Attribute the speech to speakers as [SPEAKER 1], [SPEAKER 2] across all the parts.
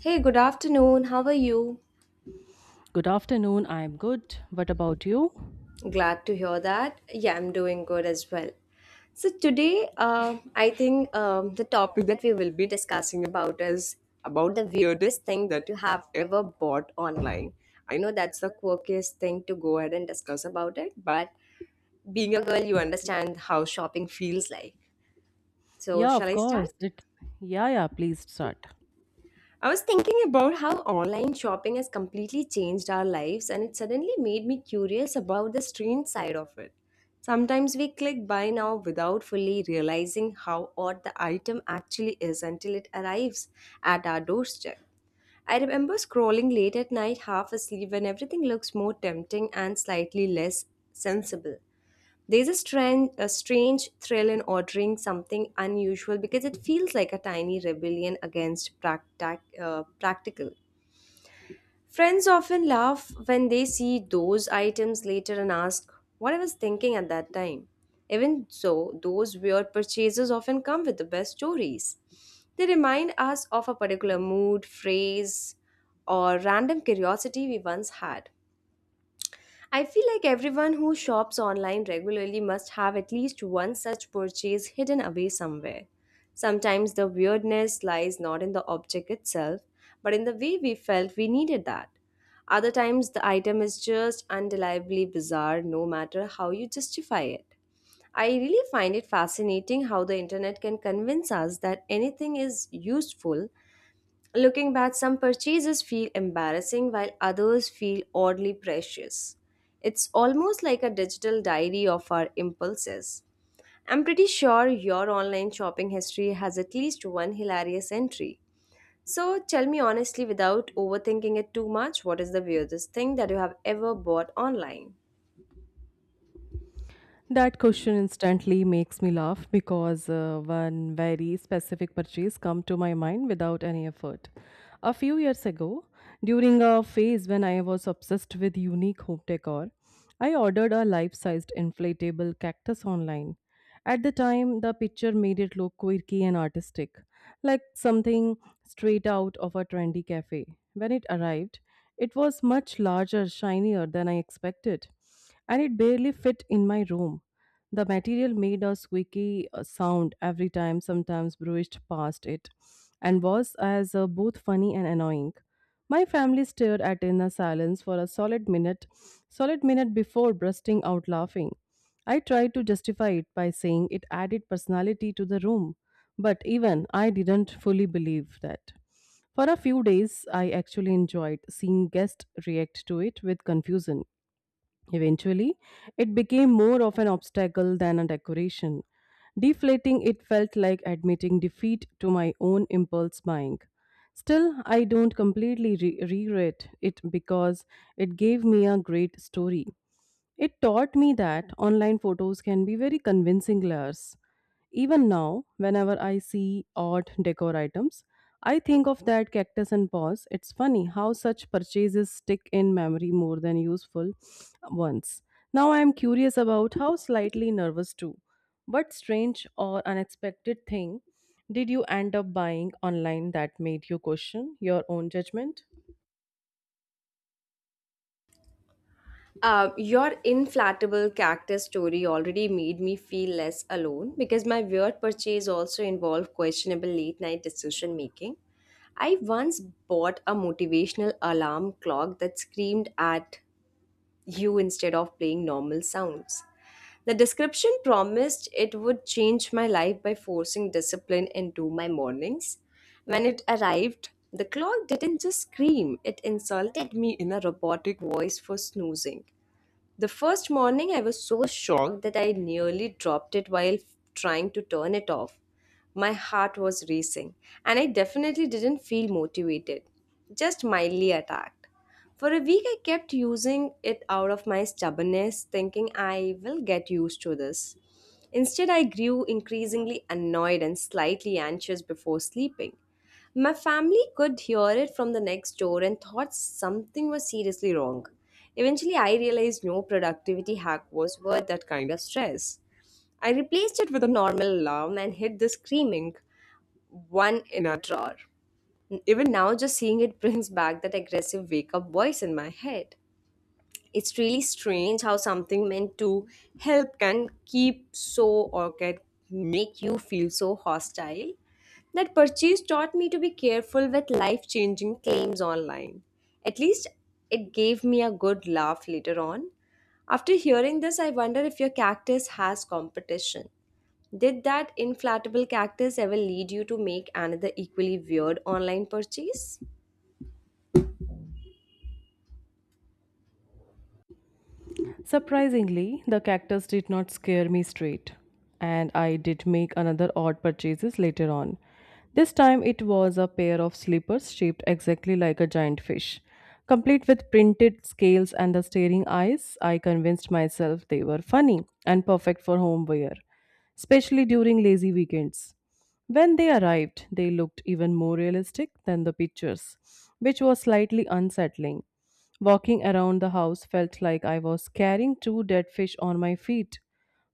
[SPEAKER 1] Hey, good afternoon. How are you?
[SPEAKER 2] Good afternoon. I'm good. What about you?
[SPEAKER 1] Glad to hear that. Yeah, I'm doing good as well. So, today, I think the topic that we will be discussing about is about the weirdest thing that you have ever bought online. I know that's the quirkiest thing to go ahead and discuss about it, but being a girl, you understand how shopping feels like. So,
[SPEAKER 2] Yeah,
[SPEAKER 1] shall
[SPEAKER 2] of
[SPEAKER 1] I
[SPEAKER 2] course.
[SPEAKER 1] start?
[SPEAKER 2] It's yeah, yeah. Please start.
[SPEAKER 1] I was thinking about how online shopping has completely changed our lives, and it suddenly made me curious about the strange side of it. Sometimes we click buy now without fully realizing how odd the item actually is until it arrives at our doorstep. I remember scrolling late at night, half asleep, when everything looks more tempting and slightly less sensible. There's a strange thrill in ordering something unusual because it feels like a tiny rebellion against practical. Friends often laugh when they see those items later and ask, what I was thinking at that time. Even so, those weird purchases often come with the best stories. They remind us of a particular mood, phrase, or random curiosity we once had. I feel like everyone who shops online regularly must have at least one such purchase hidden away somewhere. Sometimes the weirdness lies not in the object itself, but in the way we felt we needed that. Other times the item is just undeniably bizarre no matter how you justify it. I really find it fascinating how the internet can convince us that anything is useful. Looking back, some purchases feel embarrassing while others feel oddly precious. It's almost like a digital diary of our impulses. I'm pretty sure your online shopping history has at least one hilarious entry. So tell me honestly, without overthinking it too much, what is the weirdest thing that you have ever bought online?
[SPEAKER 2] That question instantly makes me laugh because one very specific purchase come to my mind without any effort. A few years ago, during a phase when I was obsessed with unique home decor, I ordered a life-sized inflatable cactus online. At the time, the picture made it look quirky and artistic, like something straight out of a trendy cafe. When it arrived, it was much larger, shinier than I expected, and it barely fit in my room. The material made a squeaky sound every time, sometimes brushed past it, and was as both funny and annoying. My family stared at in a silence for a solid minute before bursting out laughing. I tried to justify it by saying it added personality to the room, but even I didn't fully believe that. For a few days, I actually enjoyed seeing guests react to it with confusion. Eventually, it became more of an obstacle than a decoration. Deflating it felt like admitting defeat to my own impulse buying. Still, I don't completely regret it because it gave me a great story. It taught me that online photos can be very convincing layers. Even now, whenever I see odd decor items, I think of that cactus and paws. It's funny how such purchases stick in memory more than useful ones. Now I am curious about how slightly nervous too. What strange or unexpected thing did you end up buying online that made you question your own judgment?
[SPEAKER 1] Your inflatable cactus story already made me feel less alone because my weird purchase also involved questionable late night decision making. I once bought a motivational alarm clock that screamed at you instead of playing normal sounds. The description promised it would change my life by forcing discipline into my mornings. When it arrived, the clock didn't just scream, it insulted me in a robotic voice for snoozing. The first morning, I was so shocked that I nearly dropped it while trying to turn it off. My heart was racing, and I definitely didn't feel motivated, just mildly attacked. For a week, I kept using it out of my stubbornness, thinking I will get used to this. Instead, I grew increasingly annoyed and slightly anxious before sleeping. My family could hear it from the next door and thought something was seriously wrong. Eventually, I realized no productivity hack was worth that kind of stress. I replaced it with a normal alarm and hid the screaming one in a drawer. Even now, just seeing it brings back that aggressive wake up voice in my head. It's really strange how something meant to help can keep so or can make you feel so hostile. That purchase taught me to be careful with life changing claims online. At least it gave me a good laugh later on. After hearing this, I wonder if your cactus has competition. Did that inflatable cactus ever lead you to make another equally weird online purchase?
[SPEAKER 2] Surprisingly, the cactus did not scare me straight, and I did make another odd purchases later on. This time it was a pair of slippers shaped exactly like a giant fish, complete with printed scales and the staring eyes. I convinced myself they were funny and perfect for home wear especially during lazy weekends. When they arrived, they looked even more realistic than the pictures, which was slightly unsettling. Walking around the house felt like I was carrying two dead fish on my feet.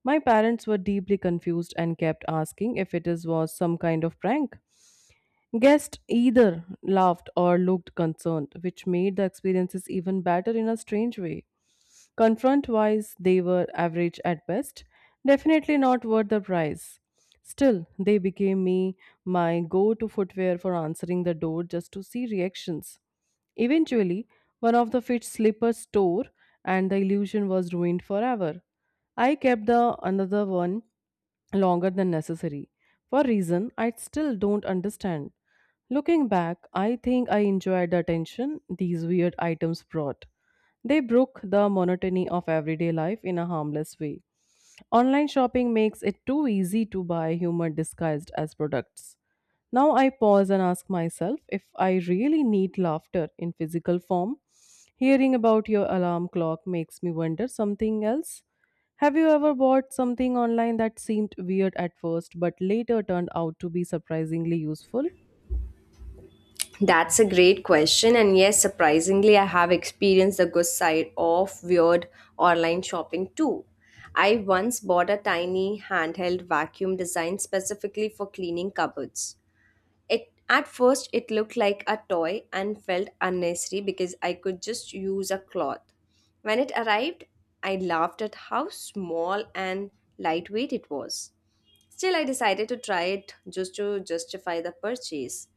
[SPEAKER 2] My parents were deeply confused and kept asking if was some kind of prank. Guest either laughed or looked concerned, which made the experiences even better in a strange way. Confront wise, they were average at best, definitely not worth the price. Still, they became me my go to footwear for answering the door just to see reactions. Eventually, one of the fit slippers tore, and the illusion was ruined forever. I kept the another one longer than necessary for reason I still don't understand. Looking back, I think I enjoyed the tension these weird items brought. They broke the monotony of everyday life in a harmless way. Online shopping makes it too easy to buy humor disguised as products. Now I pause and ask myself if I really need laughter in physical form. Hearing about your alarm clock makes me wonder something else. Have you ever bought something online that seemed weird at first but later turned out to be surprisingly useful?
[SPEAKER 1] That's a great question. And yes, surprisingly, I have experienced the good side of weird online shopping too. I once bought a tiny handheld vacuum designed specifically for cleaning cupboards. It at first it looked like a toy and felt unnecessary because I could just use a cloth. When it arrived, I laughed at how small and lightweight it was. Still, I decided to try it just to justify the purchase.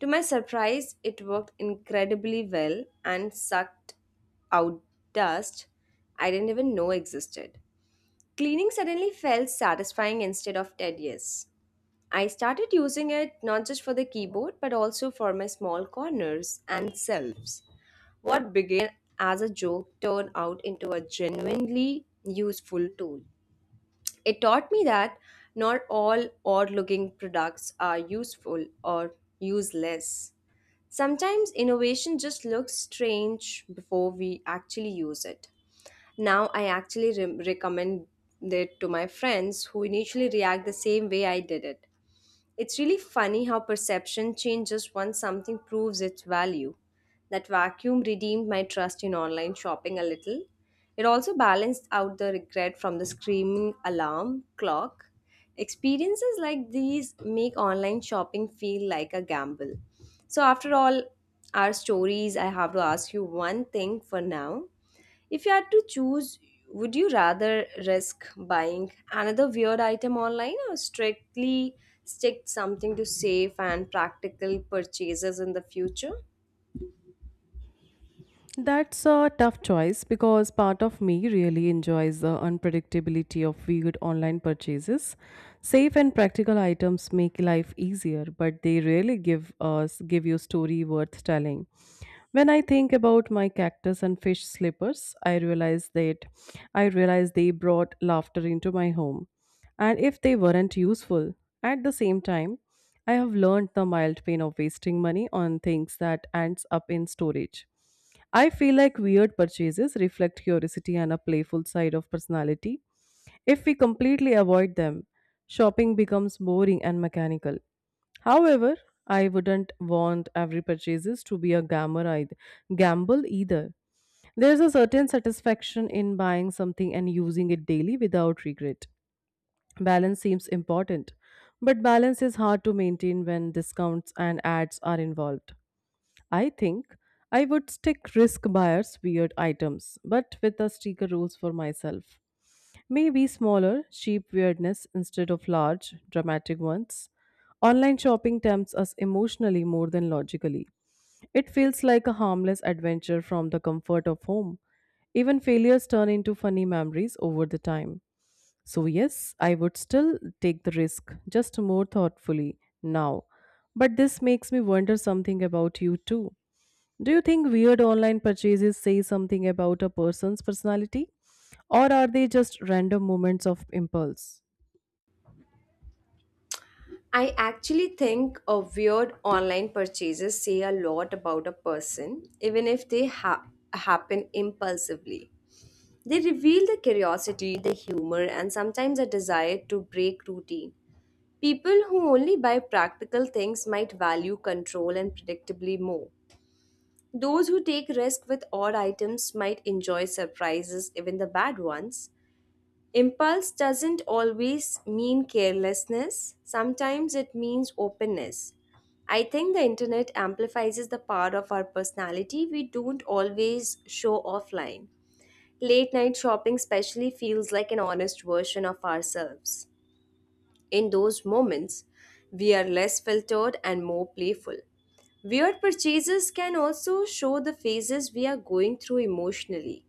[SPEAKER 1] To my surprise, it worked incredibly well and sucked out dust I didn't even know existed. Cleaning suddenly felt satisfying instead of tedious. I started using it not just for the keyboard but also for my small corners and shelves. What began as a joke turned out into a genuinely useful tool. It taught me that not all odd looking products are useful or useless. Sometimes innovation just looks strange before we actually use it. Now I actually recommend it to my friends who initially react the same way I did it. It's really funny how perception changes once something proves its value. That vacuum redeemed my trust in online shopping a little. It also balanced out the regret from the screaming alarm clock. Experiences like these make online shopping feel like a gamble. So, after all our stories, I have to ask you one thing for now. If you had to choose, would you rather risk buying another weird item online or strictly stick something to safe and practical purchases in the future?
[SPEAKER 2] That's a tough choice because part of me really enjoys the unpredictability of weird online purchases. Safe and practical items make life easier, but they really give you story worth telling. When I think about my cactus and fish slippers, I realize they brought laughter into my home. And if they weren't useful, at the same time, I have learned the mild pain of wasting money on things that ends up in storage. I feel like weird purchases reflect curiosity and a playful side of personality. If we completely avoid them, shopping becomes boring and mechanical. However, I wouldn't want every purchases to be a gamble either. There's a certain satisfaction in buying something and using it daily without regret. Balance seems important, but balance is hard to maintain when discounts and ads are involved. I think I would stick risk buyers weird items, but with the sticker rules for myself. Maybe smaller, cheap weirdness instead of large, dramatic ones. Online shopping tempts us emotionally more than logically. It feels like a harmless adventure from the comfort of home. Even failures turn into funny memories over the time. So, yes, I would still take the risk, just more thoughtfully now. But this makes me wonder something about you too. Do you think weird online purchases say something about a person's personality? Or are they just random moments of impulse?
[SPEAKER 1] I actually think a weird online purchases say a lot about a person, even if they happen impulsively. They reveal the curiosity, the humor, and sometimes a desire to break routine. People who only buy practical things might value control and predictably more. Those who take risks with odd items might enjoy surprises, even the bad ones. Impulse doesn't always mean carelessness, sometimes it means openness. I think the internet amplifies the part of our personality we don't always show offline. Late night shopping, especially, feels like an honest version of ourselves. In those moments, we are less filtered and more playful. Weird purchases can also show the phases we are going through emotionally.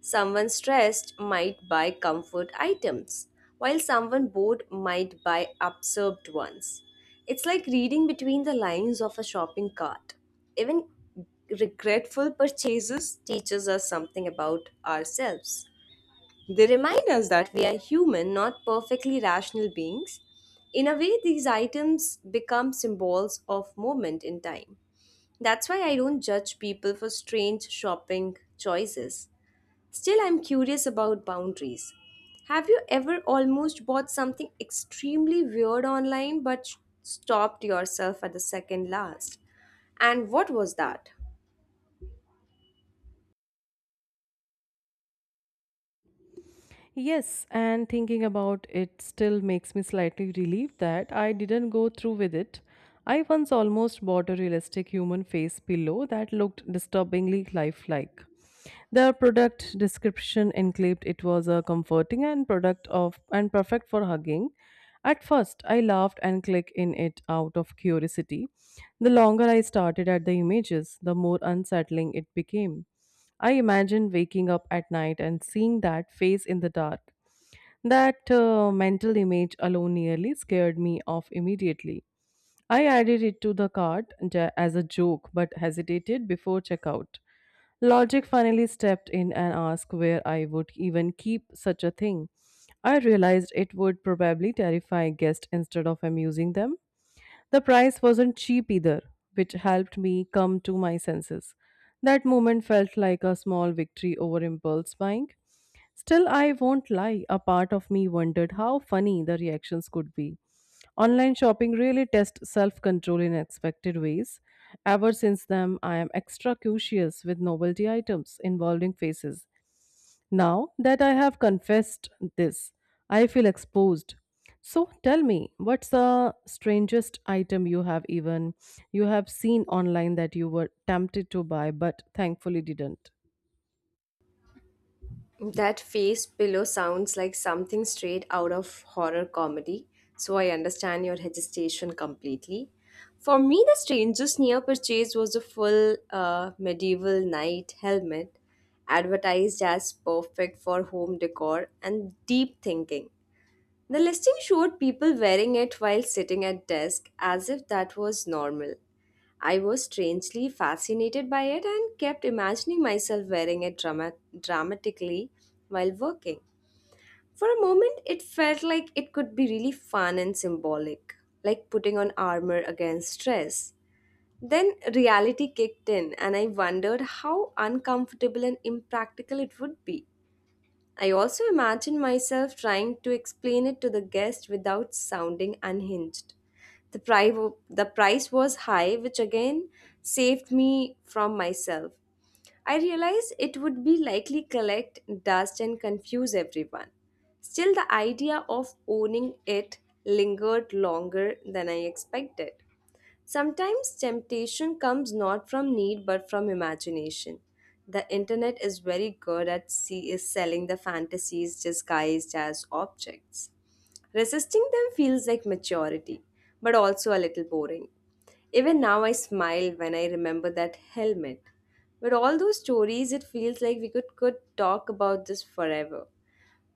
[SPEAKER 1] Someone stressed might buy comfort items, while someone bored might buy absorbed ones. It's like reading between the lines of a shopping cart. Even regretful purchases teaches us something about ourselves. They remind us that we are human, not perfectly rational beings. In a way, these items become symbols of moment in time. That's why I don't judge people for strange shopping choices. Still, I'm curious about boundaries. Have you ever almost bought something extremely weird online but stopped yourself at the second last? And what was that?
[SPEAKER 2] Yes, and thinking about it still makes me slightly relieved that I didn't go through with it. I once almost bought a realistic human face pillow that looked disturbingly lifelike. The product description included it was a comforting and product of and perfect for hugging. At first, I laughed and clicked in it out of curiosity. The longer I started at the images, the more unsettling it became. I imagined waking up at night and seeing that face in the dark. That mental image alone nearly scared me off immediately. I added it to the cart as a joke but hesitated before checkout. Logic finally stepped in and asked where I would even keep such a thing. I realized it would probably terrify guests instead of amusing them. The price wasn't cheap either, which helped me come to my senses. That moment felt like a small victory over impulse buying. Still, I won't lie, a part of me wondered how funny the reactions could be. Online shopping really tests self control in unexpected ways. Ever since then, I am extra cautious with novelty items involving faces. Now that I have confessed this, I feel exposed. So tell me, what's the strangest item you have seen online that you were tempted to buy but thankfully didn't?
[SPEAKER 1] That face pillow sounds like something straight out of horror comedy, so I understand your hesitation completely. For me, the strangest near purchase was a full medieval knight helmet, advertised as perfect for home decor and deep thinking. The listing showed people wearing it while sitting at desk as if that was normal. I was strangely fascinated by it and kept imagining myself wearing it dramatically while working. For a moment, it felt like it could be really fun and symbolic, like putting on armor against stress. Then reality kicked in, and I wondered how uncomfortable and impractical it would be. I also imagine myself trying to explain it to the guest without sounding unhinged. The price, the price was high, which again saved me from myself. I realized it would be likely collect dust and confuse everyone. Still, the idea of owning it lingered longer than I expected. Sometimes temptation comes not from need but from imagination. The internet is very good at see- is selling the fantasies disguised as objects. Resisting them feels like maturity, but also a little boring. Even now, I smile when I remember that helmet. With all those stories, it feels like we could talk about this forever.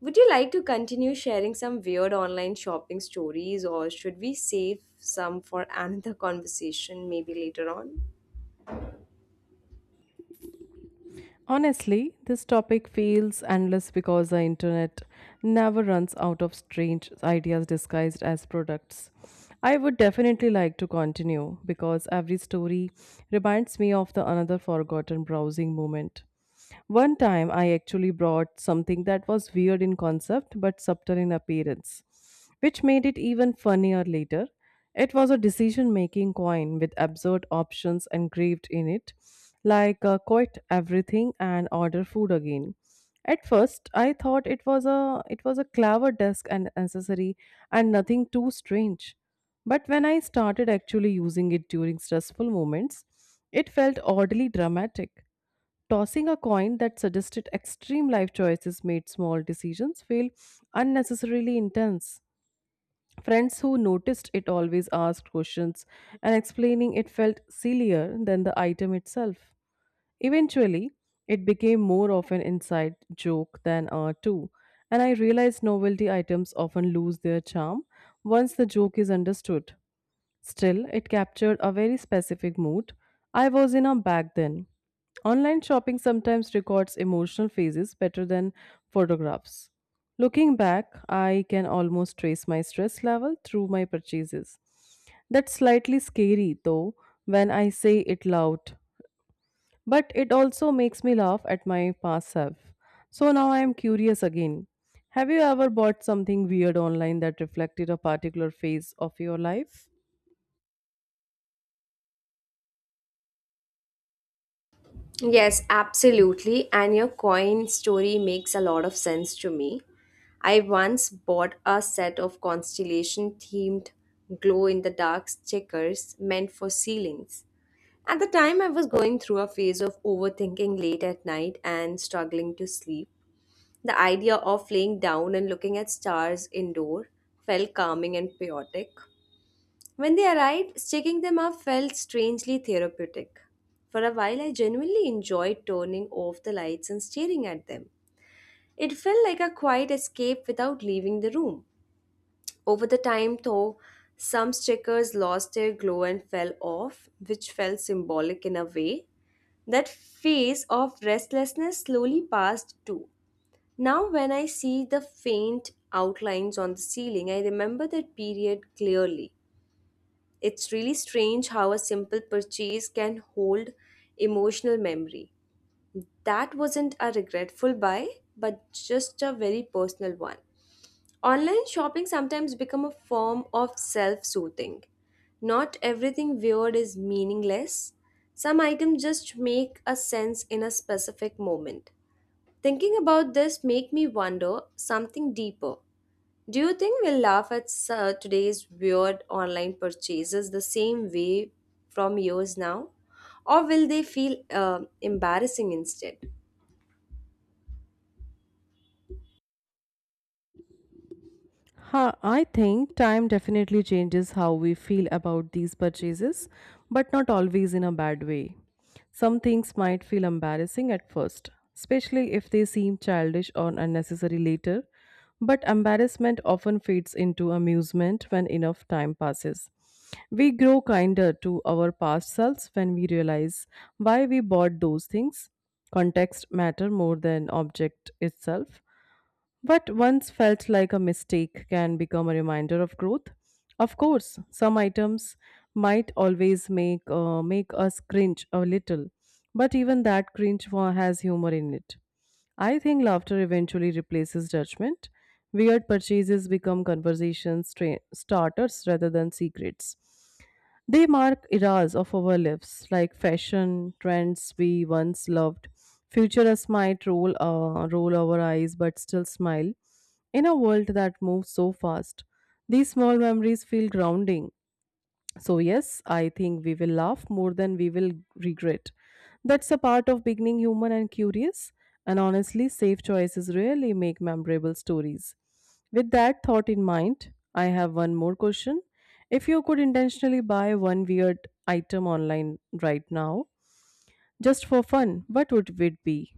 [SPEAKER 1] Would you like to continue sharing some weird online shopping stories, or should we save some for another conversation maybe later on?
[SPEAKER 2] Honestly, this topic feels endless because the internet never runs out of strange ideas disguised as products. I would definitely like to continue because every story reminds me of the another forgotten browsing moment. One time I actually brought something that was weird in concept but subtle in appearance which made it even funnier later. It was a decision making coin with absurd options engraved in it, like quit everything and order food again. At first, I thought it was a clever desk and accessory and nothing too strange. But when I started actually using it during stressful moments, it felt oddly dramatic. Tossing a coin that suggested extreme life choices made small decisions feel unnecessarily intense. Friends who noticed it always asked questions, and explaining it felt sillier than the item itself. Eventually, it became more of an inside joke than a two, and I realized novelty items often lose their charm once the joke is understood. Still, it captured a very specific mood I was in a back then. Online shopping sometimes records emotional phases better than photographs. Looking back, I can almost trace my stress level through my purchases. That's slightly scary though when I say it loud, but it also makes me laugh at my past self. So now I am curious again. Have you ever bought something weird online that reflected a particular phase of your life?
[SPEAKER 1] Yes, absolutely. And your coin story makes a lot of sense to me. I once bought a set of constellation themed glow in the dark stickers meant for ceilings. At the time, I was going through a phase of overthinking late at night and struggling to sleep. The idea of laying down and looking at stars indoor felt calming and poetic. When they arrived, sticking them up felt strangely therapeutic. For a while, I genuinely enjoyed turning off the lights and staring at them. It felt like a quiet escape without leaving the room. Over the time, though, some stickers lost their glow and fell off, which felt symbolic in a way. That phase of restlessness slowly passed too. Now, when I see the faint outlines on the ceiling, I remember that period clearly. It's really strange how a simple purchase can hold emotional memory. That wasn't a regretful buy, but just a very personal one. Online shopping sometimes become a form of self-soothing. Not everything weird is meaningless. Some items just make a sense in a specific moment. Thinking about this make me wonder something deeper. Do you think we'll laugh at today's weird online purchases the same way from years now? Or will they feel embarrassing instead?
[SPEAKER 2] Huh, I think time definitely changes how we feel about these purchases, but not always in a bad way. Some things might feel embarrassing at first, especially if they seem childish or unnecessary later, but embarrassment often fades into amusement when enough time passes. We grow kinder to our past selves when we realize why we bought those things. Context matter more than object itself. What once felt like a mistake can become a reminder of growth. Of course, some items might always make us cringe a little, but even that has humor in it. I think laughter eventually replaces judgment. Weird purchases become starters rather than secrets. They mark eras of our lives, like fashion, trends we once loved. Futurists might roll our eyes but still smile. In a world that moves so fast, these small memories feel grounding. So, yes, I think we will laugh more than we will regret. That's a part of beginning human and curious. And honestly, safe choices really make memorable stories. With that thought in mind, I have one more question. If you could intentionally buy one weird item online right now, just for fun, what would it be?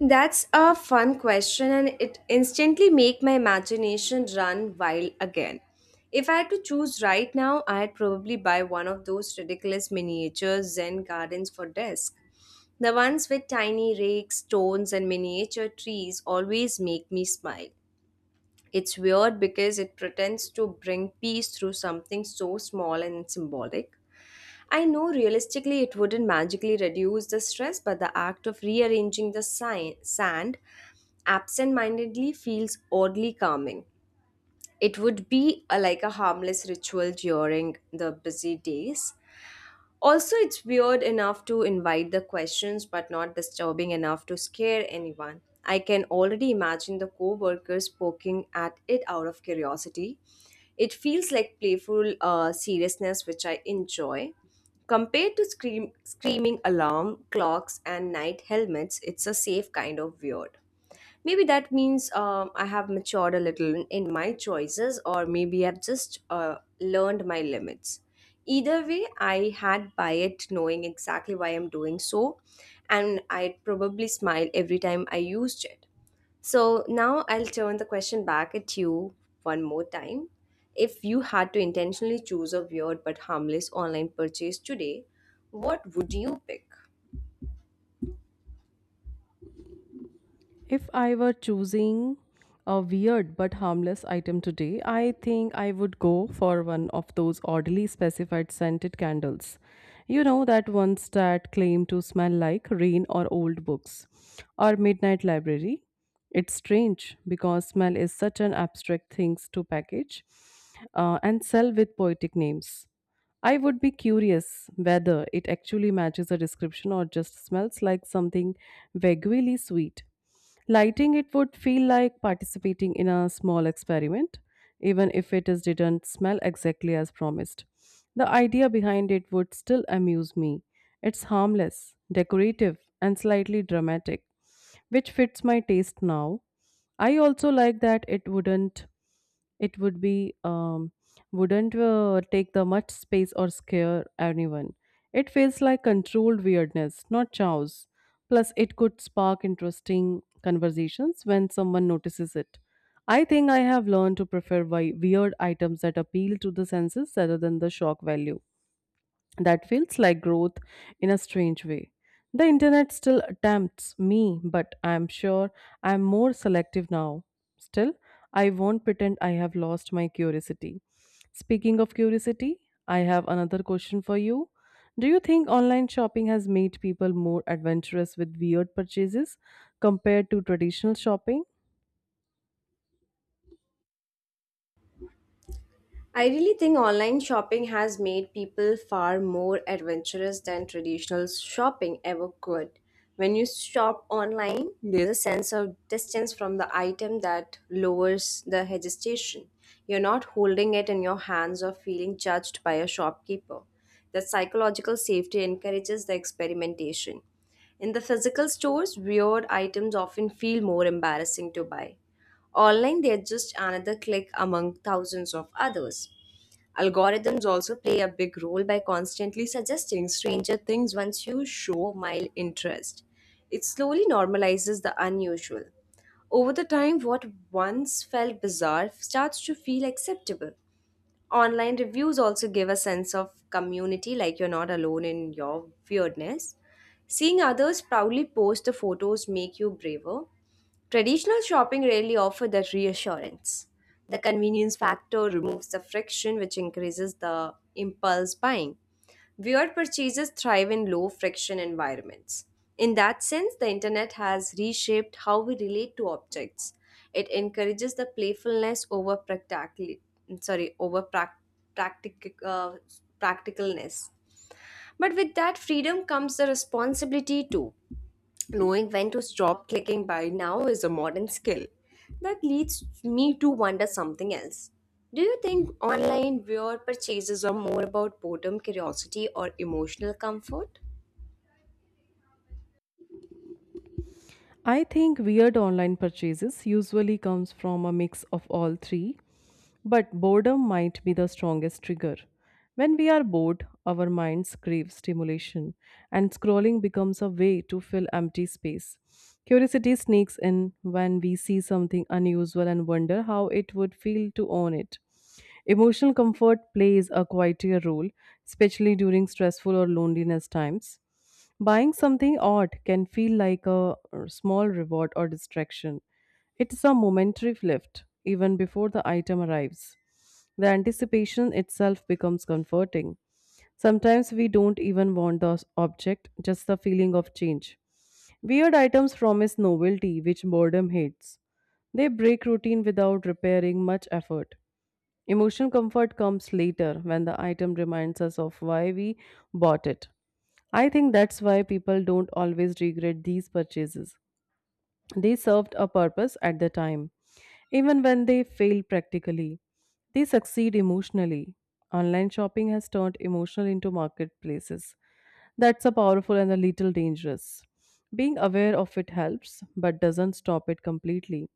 [SPEAKER 1] That's a fun question, and it instantly make my imagination run wild again. If I had to choose right now, I'd probably buy one of those ridiculous miniature Zen gardens for desk. The ones with tiny rakes, stones, and miniature trees always make me smile. It's weird because it pretends to bring peace through something so small and symbolic. I know realistically it wouldn't magically reduce the stress, but the act of rearranging the sand absent mindedly feels oddly calming. It would be like a harmless ritual during the busy days, also, it's weird enough to invite the questions, but not disturbing enough to scare anyone. I can already imagine the co workers poking at it out of curiosity. It feels like playful seriousness, which I enjoy. Compared to screaming alarm clocks and night helmets, it's a safe kind of weird. Maybe that means I have matured a little in my choices, or maybe I've just learned my limits. Either way, I had by it knowing exactly why I'm doing so, and I'd probably smile every time I used it. So now I'll turn the question back at you one more time. If you had to intentionally choose a weird but harmless online purchase today, what would you pick?
[SPEAKER 2] If I were choosing a weird but harmless item today, I think I would go for one of those oddly specified scented candles. You know, that ones that claim to smell like rain or old books, or midnight library. It's strange because smell is such an abstract thing to package and sell with poetic names. I would be curious whether it actually matches a description or just smells like something vaguely sweet. Lighting it would feel like participating in a small experiment, even if it is didn't smell exactly as promised. The idea behind it would still amuse me. It's harmless, decorative, and slightly dramatic which fits my taste now. I also like that it wouldn't take the much space or scare anyone. It feels like controlled weirdness, not chows. Plus, it could spark interesting conversations when someone notices it. I think I have learned to prefer weird items that appeal to the senses rather than the shock value that feels like growth in a strange way. The internet still tempts me, but I'm sure I'm more selective now. Still, I won't pretend I have lost my curiosity. Speaking of curiosity, I have another question for you. Do you think online shopping has made people more adventurous with weird purchases compared to traditional shopping?
[SPEAKER 1] I really think online shopping has made people far more adventurous than traditional shopping ever could. When you shop online, there's a sense of distance from the item that lowers the hesitation. You're not holding it in your hands or feeling judged by a shopkeeper. The psychological safety encourages the experimentation. In the physical stores, weird items often feel more embarrassing to buy. Online, they're just another click among thousands of others. Algorithms also play a big role by constantly suggesting stranger things once you show mild interest. It slowly normalizes the unusual. Over the time, what once felt bizarre starts to feel acceptable. Online reviews also give a sense of community, like you're not alone in your weirdness. Seeing others proudly post the photos make you braver. Traditional shopping rarely offer that reassurance. The convenience factor removes the friction which increases the impulse buying. Weird purchases thrive in low friction environments. In that sense, the internet has reshaped how we relate to objects. It encourages the playfulness over practically sorry, over practic- uh, practicalness. But with that freedom comes the responsibility too. Knowing when to stop clicking buy now is a modern skill. That leads me to wonder something else. Do you think online viewer purchases are more about boredom, curiosity, or emotional comfort?
[SPEAKER 2] I think weird online purchases usually comes from a mix of all three, but boredom might be the strongest trigger. When we are bored, our minds crave stimulation, and scrolling becomes a way to fill empty space. Curiosity sneaks in when we see something unusual and wonder how it would feel to own it. Emotional comfort plays a quieter role, especially during stressful or loneliness times. Buying something odd can feel like a small reward or distraction. It's a momentary lift, even before the item arrives. The anticipation itself becomes comforting. Sometimes we don't even want the object, just the feeling of change. Weird items promise novelty, which boredom hates. They break routine without repairing much effort. Emotional comfort comes later when the item reminds us of why we bought it. I think that's why people don't always regret these purchases. They served a purpose at the time. Even when they fail practically, they succeed emotionally. Online shopping has turned emotional into marketplaces. That's a powerful and a little dangerous. Being aware of it helps, but doesn't stop it completely.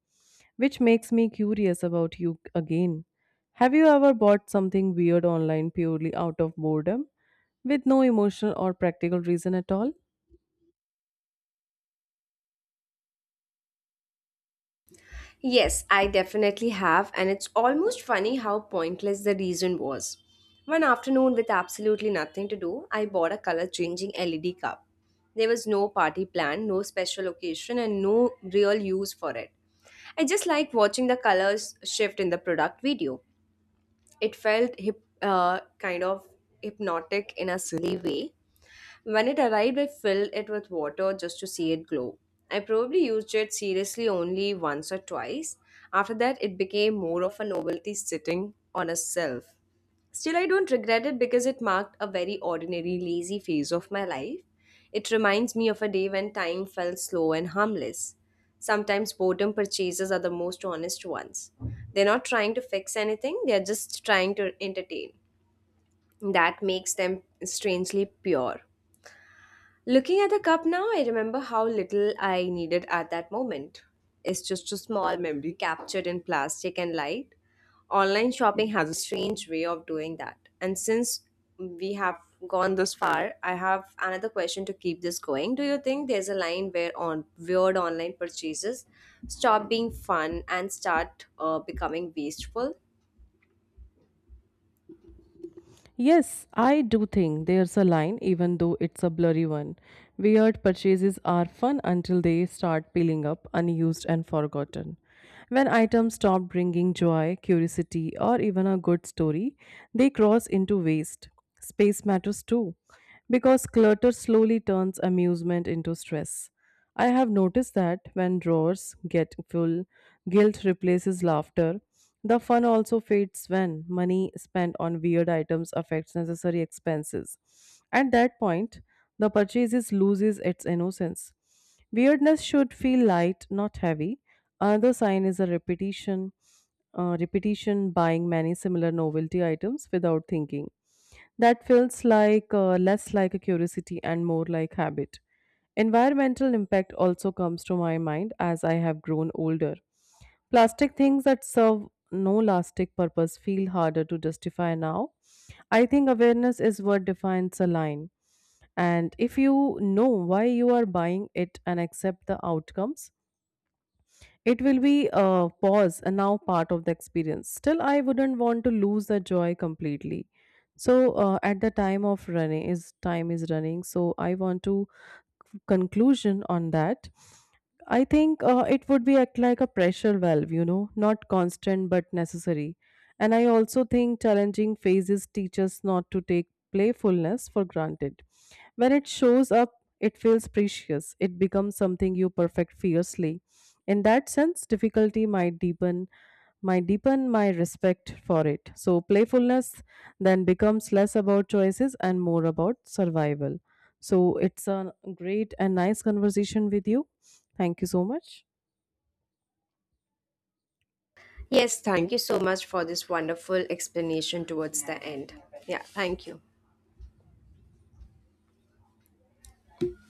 [SPEAKER 2] Which makes me curious about you again. Have you ever bought something weird online purely out of boredom, with no emotional or practical reason at all?
[SPEAKER 1] Yes, I definitely have, and it's almost funny how pointless the reason was. One afternoon, with absolutely nothing to do, I bought a color changing LED cup. There was no party plan, no special occasion, and no real use for it. I just liked watching the colors shift in the product video. It felt kind of hypnotic in a silly way, when it arrived, I filled it with water just to see it glow. I probably used it seriously only once or twice. After that, it became more of a novelty sitting on a shelf. Still, I don't regret it because it marked a very ordinary, lazy phase of my life. It reminds me of a day when time felt slow and harmless. Sometimes boredom purchases are the most honest ones. They're not trying to fix anything, they're just trying to entertain. That makes them strangely pure. Looking at the cup now, I remember how little I needed at that moment. It's just a small memory captured in plastic and light. Online shopping has a strange way of doing that. And since we have gone this far, I have another question to keep this going. Do you think there's a line where on weird online purchases stop being fun and start becoming wasteful?
[SPEAKER 2] Yes, I do think there's a line, even though it's a blurry one. Weird purchases are fun until they start peeling up, unused and forgotten. When items stop bringing joy, curiosity, or even a good story, they cross into waste. Space matters too, because clutter slowly turns amusement into stress. I have noticed that when drawers get full, guilt replaces laughter, the fun also fades when money spent on weird items affects necessary expenses. At that point, the purchase loses its innocence. Weirdness should feel light, not heavy. Another sign is a repetition buying many similar novelty items without thinking. That feels like less like a curiosity and more like habit. Environmental impact also comes to my mind as I have grown older. Plastic things that serve no lasting purpose feel harder to justify now. I think awareness is what defines a line. And if you know why you are buying it and accept the outcomes, it will be a pause and now part of the experience. Still, I wouldn't want to lose the joy completely. So, at the time of running, is time is running. So, I want to conclusion on that. I think it would be act like a pressure valve, you know, not constant but necessary. And I also think challenging phases teach us not to take playfulness for granted. When it shows up, it feels precious. It becomes something you perfect fiercely. In that sense, difficulty might deepen my respect for it. So, playfulness then becomes less about choices and more about survival. So, it's a great and nice conversation with you. Thank you so much.
[SPEAKER 1] Yes, thank you so much for this wonderful explanation towards the end. Yeah, thank you.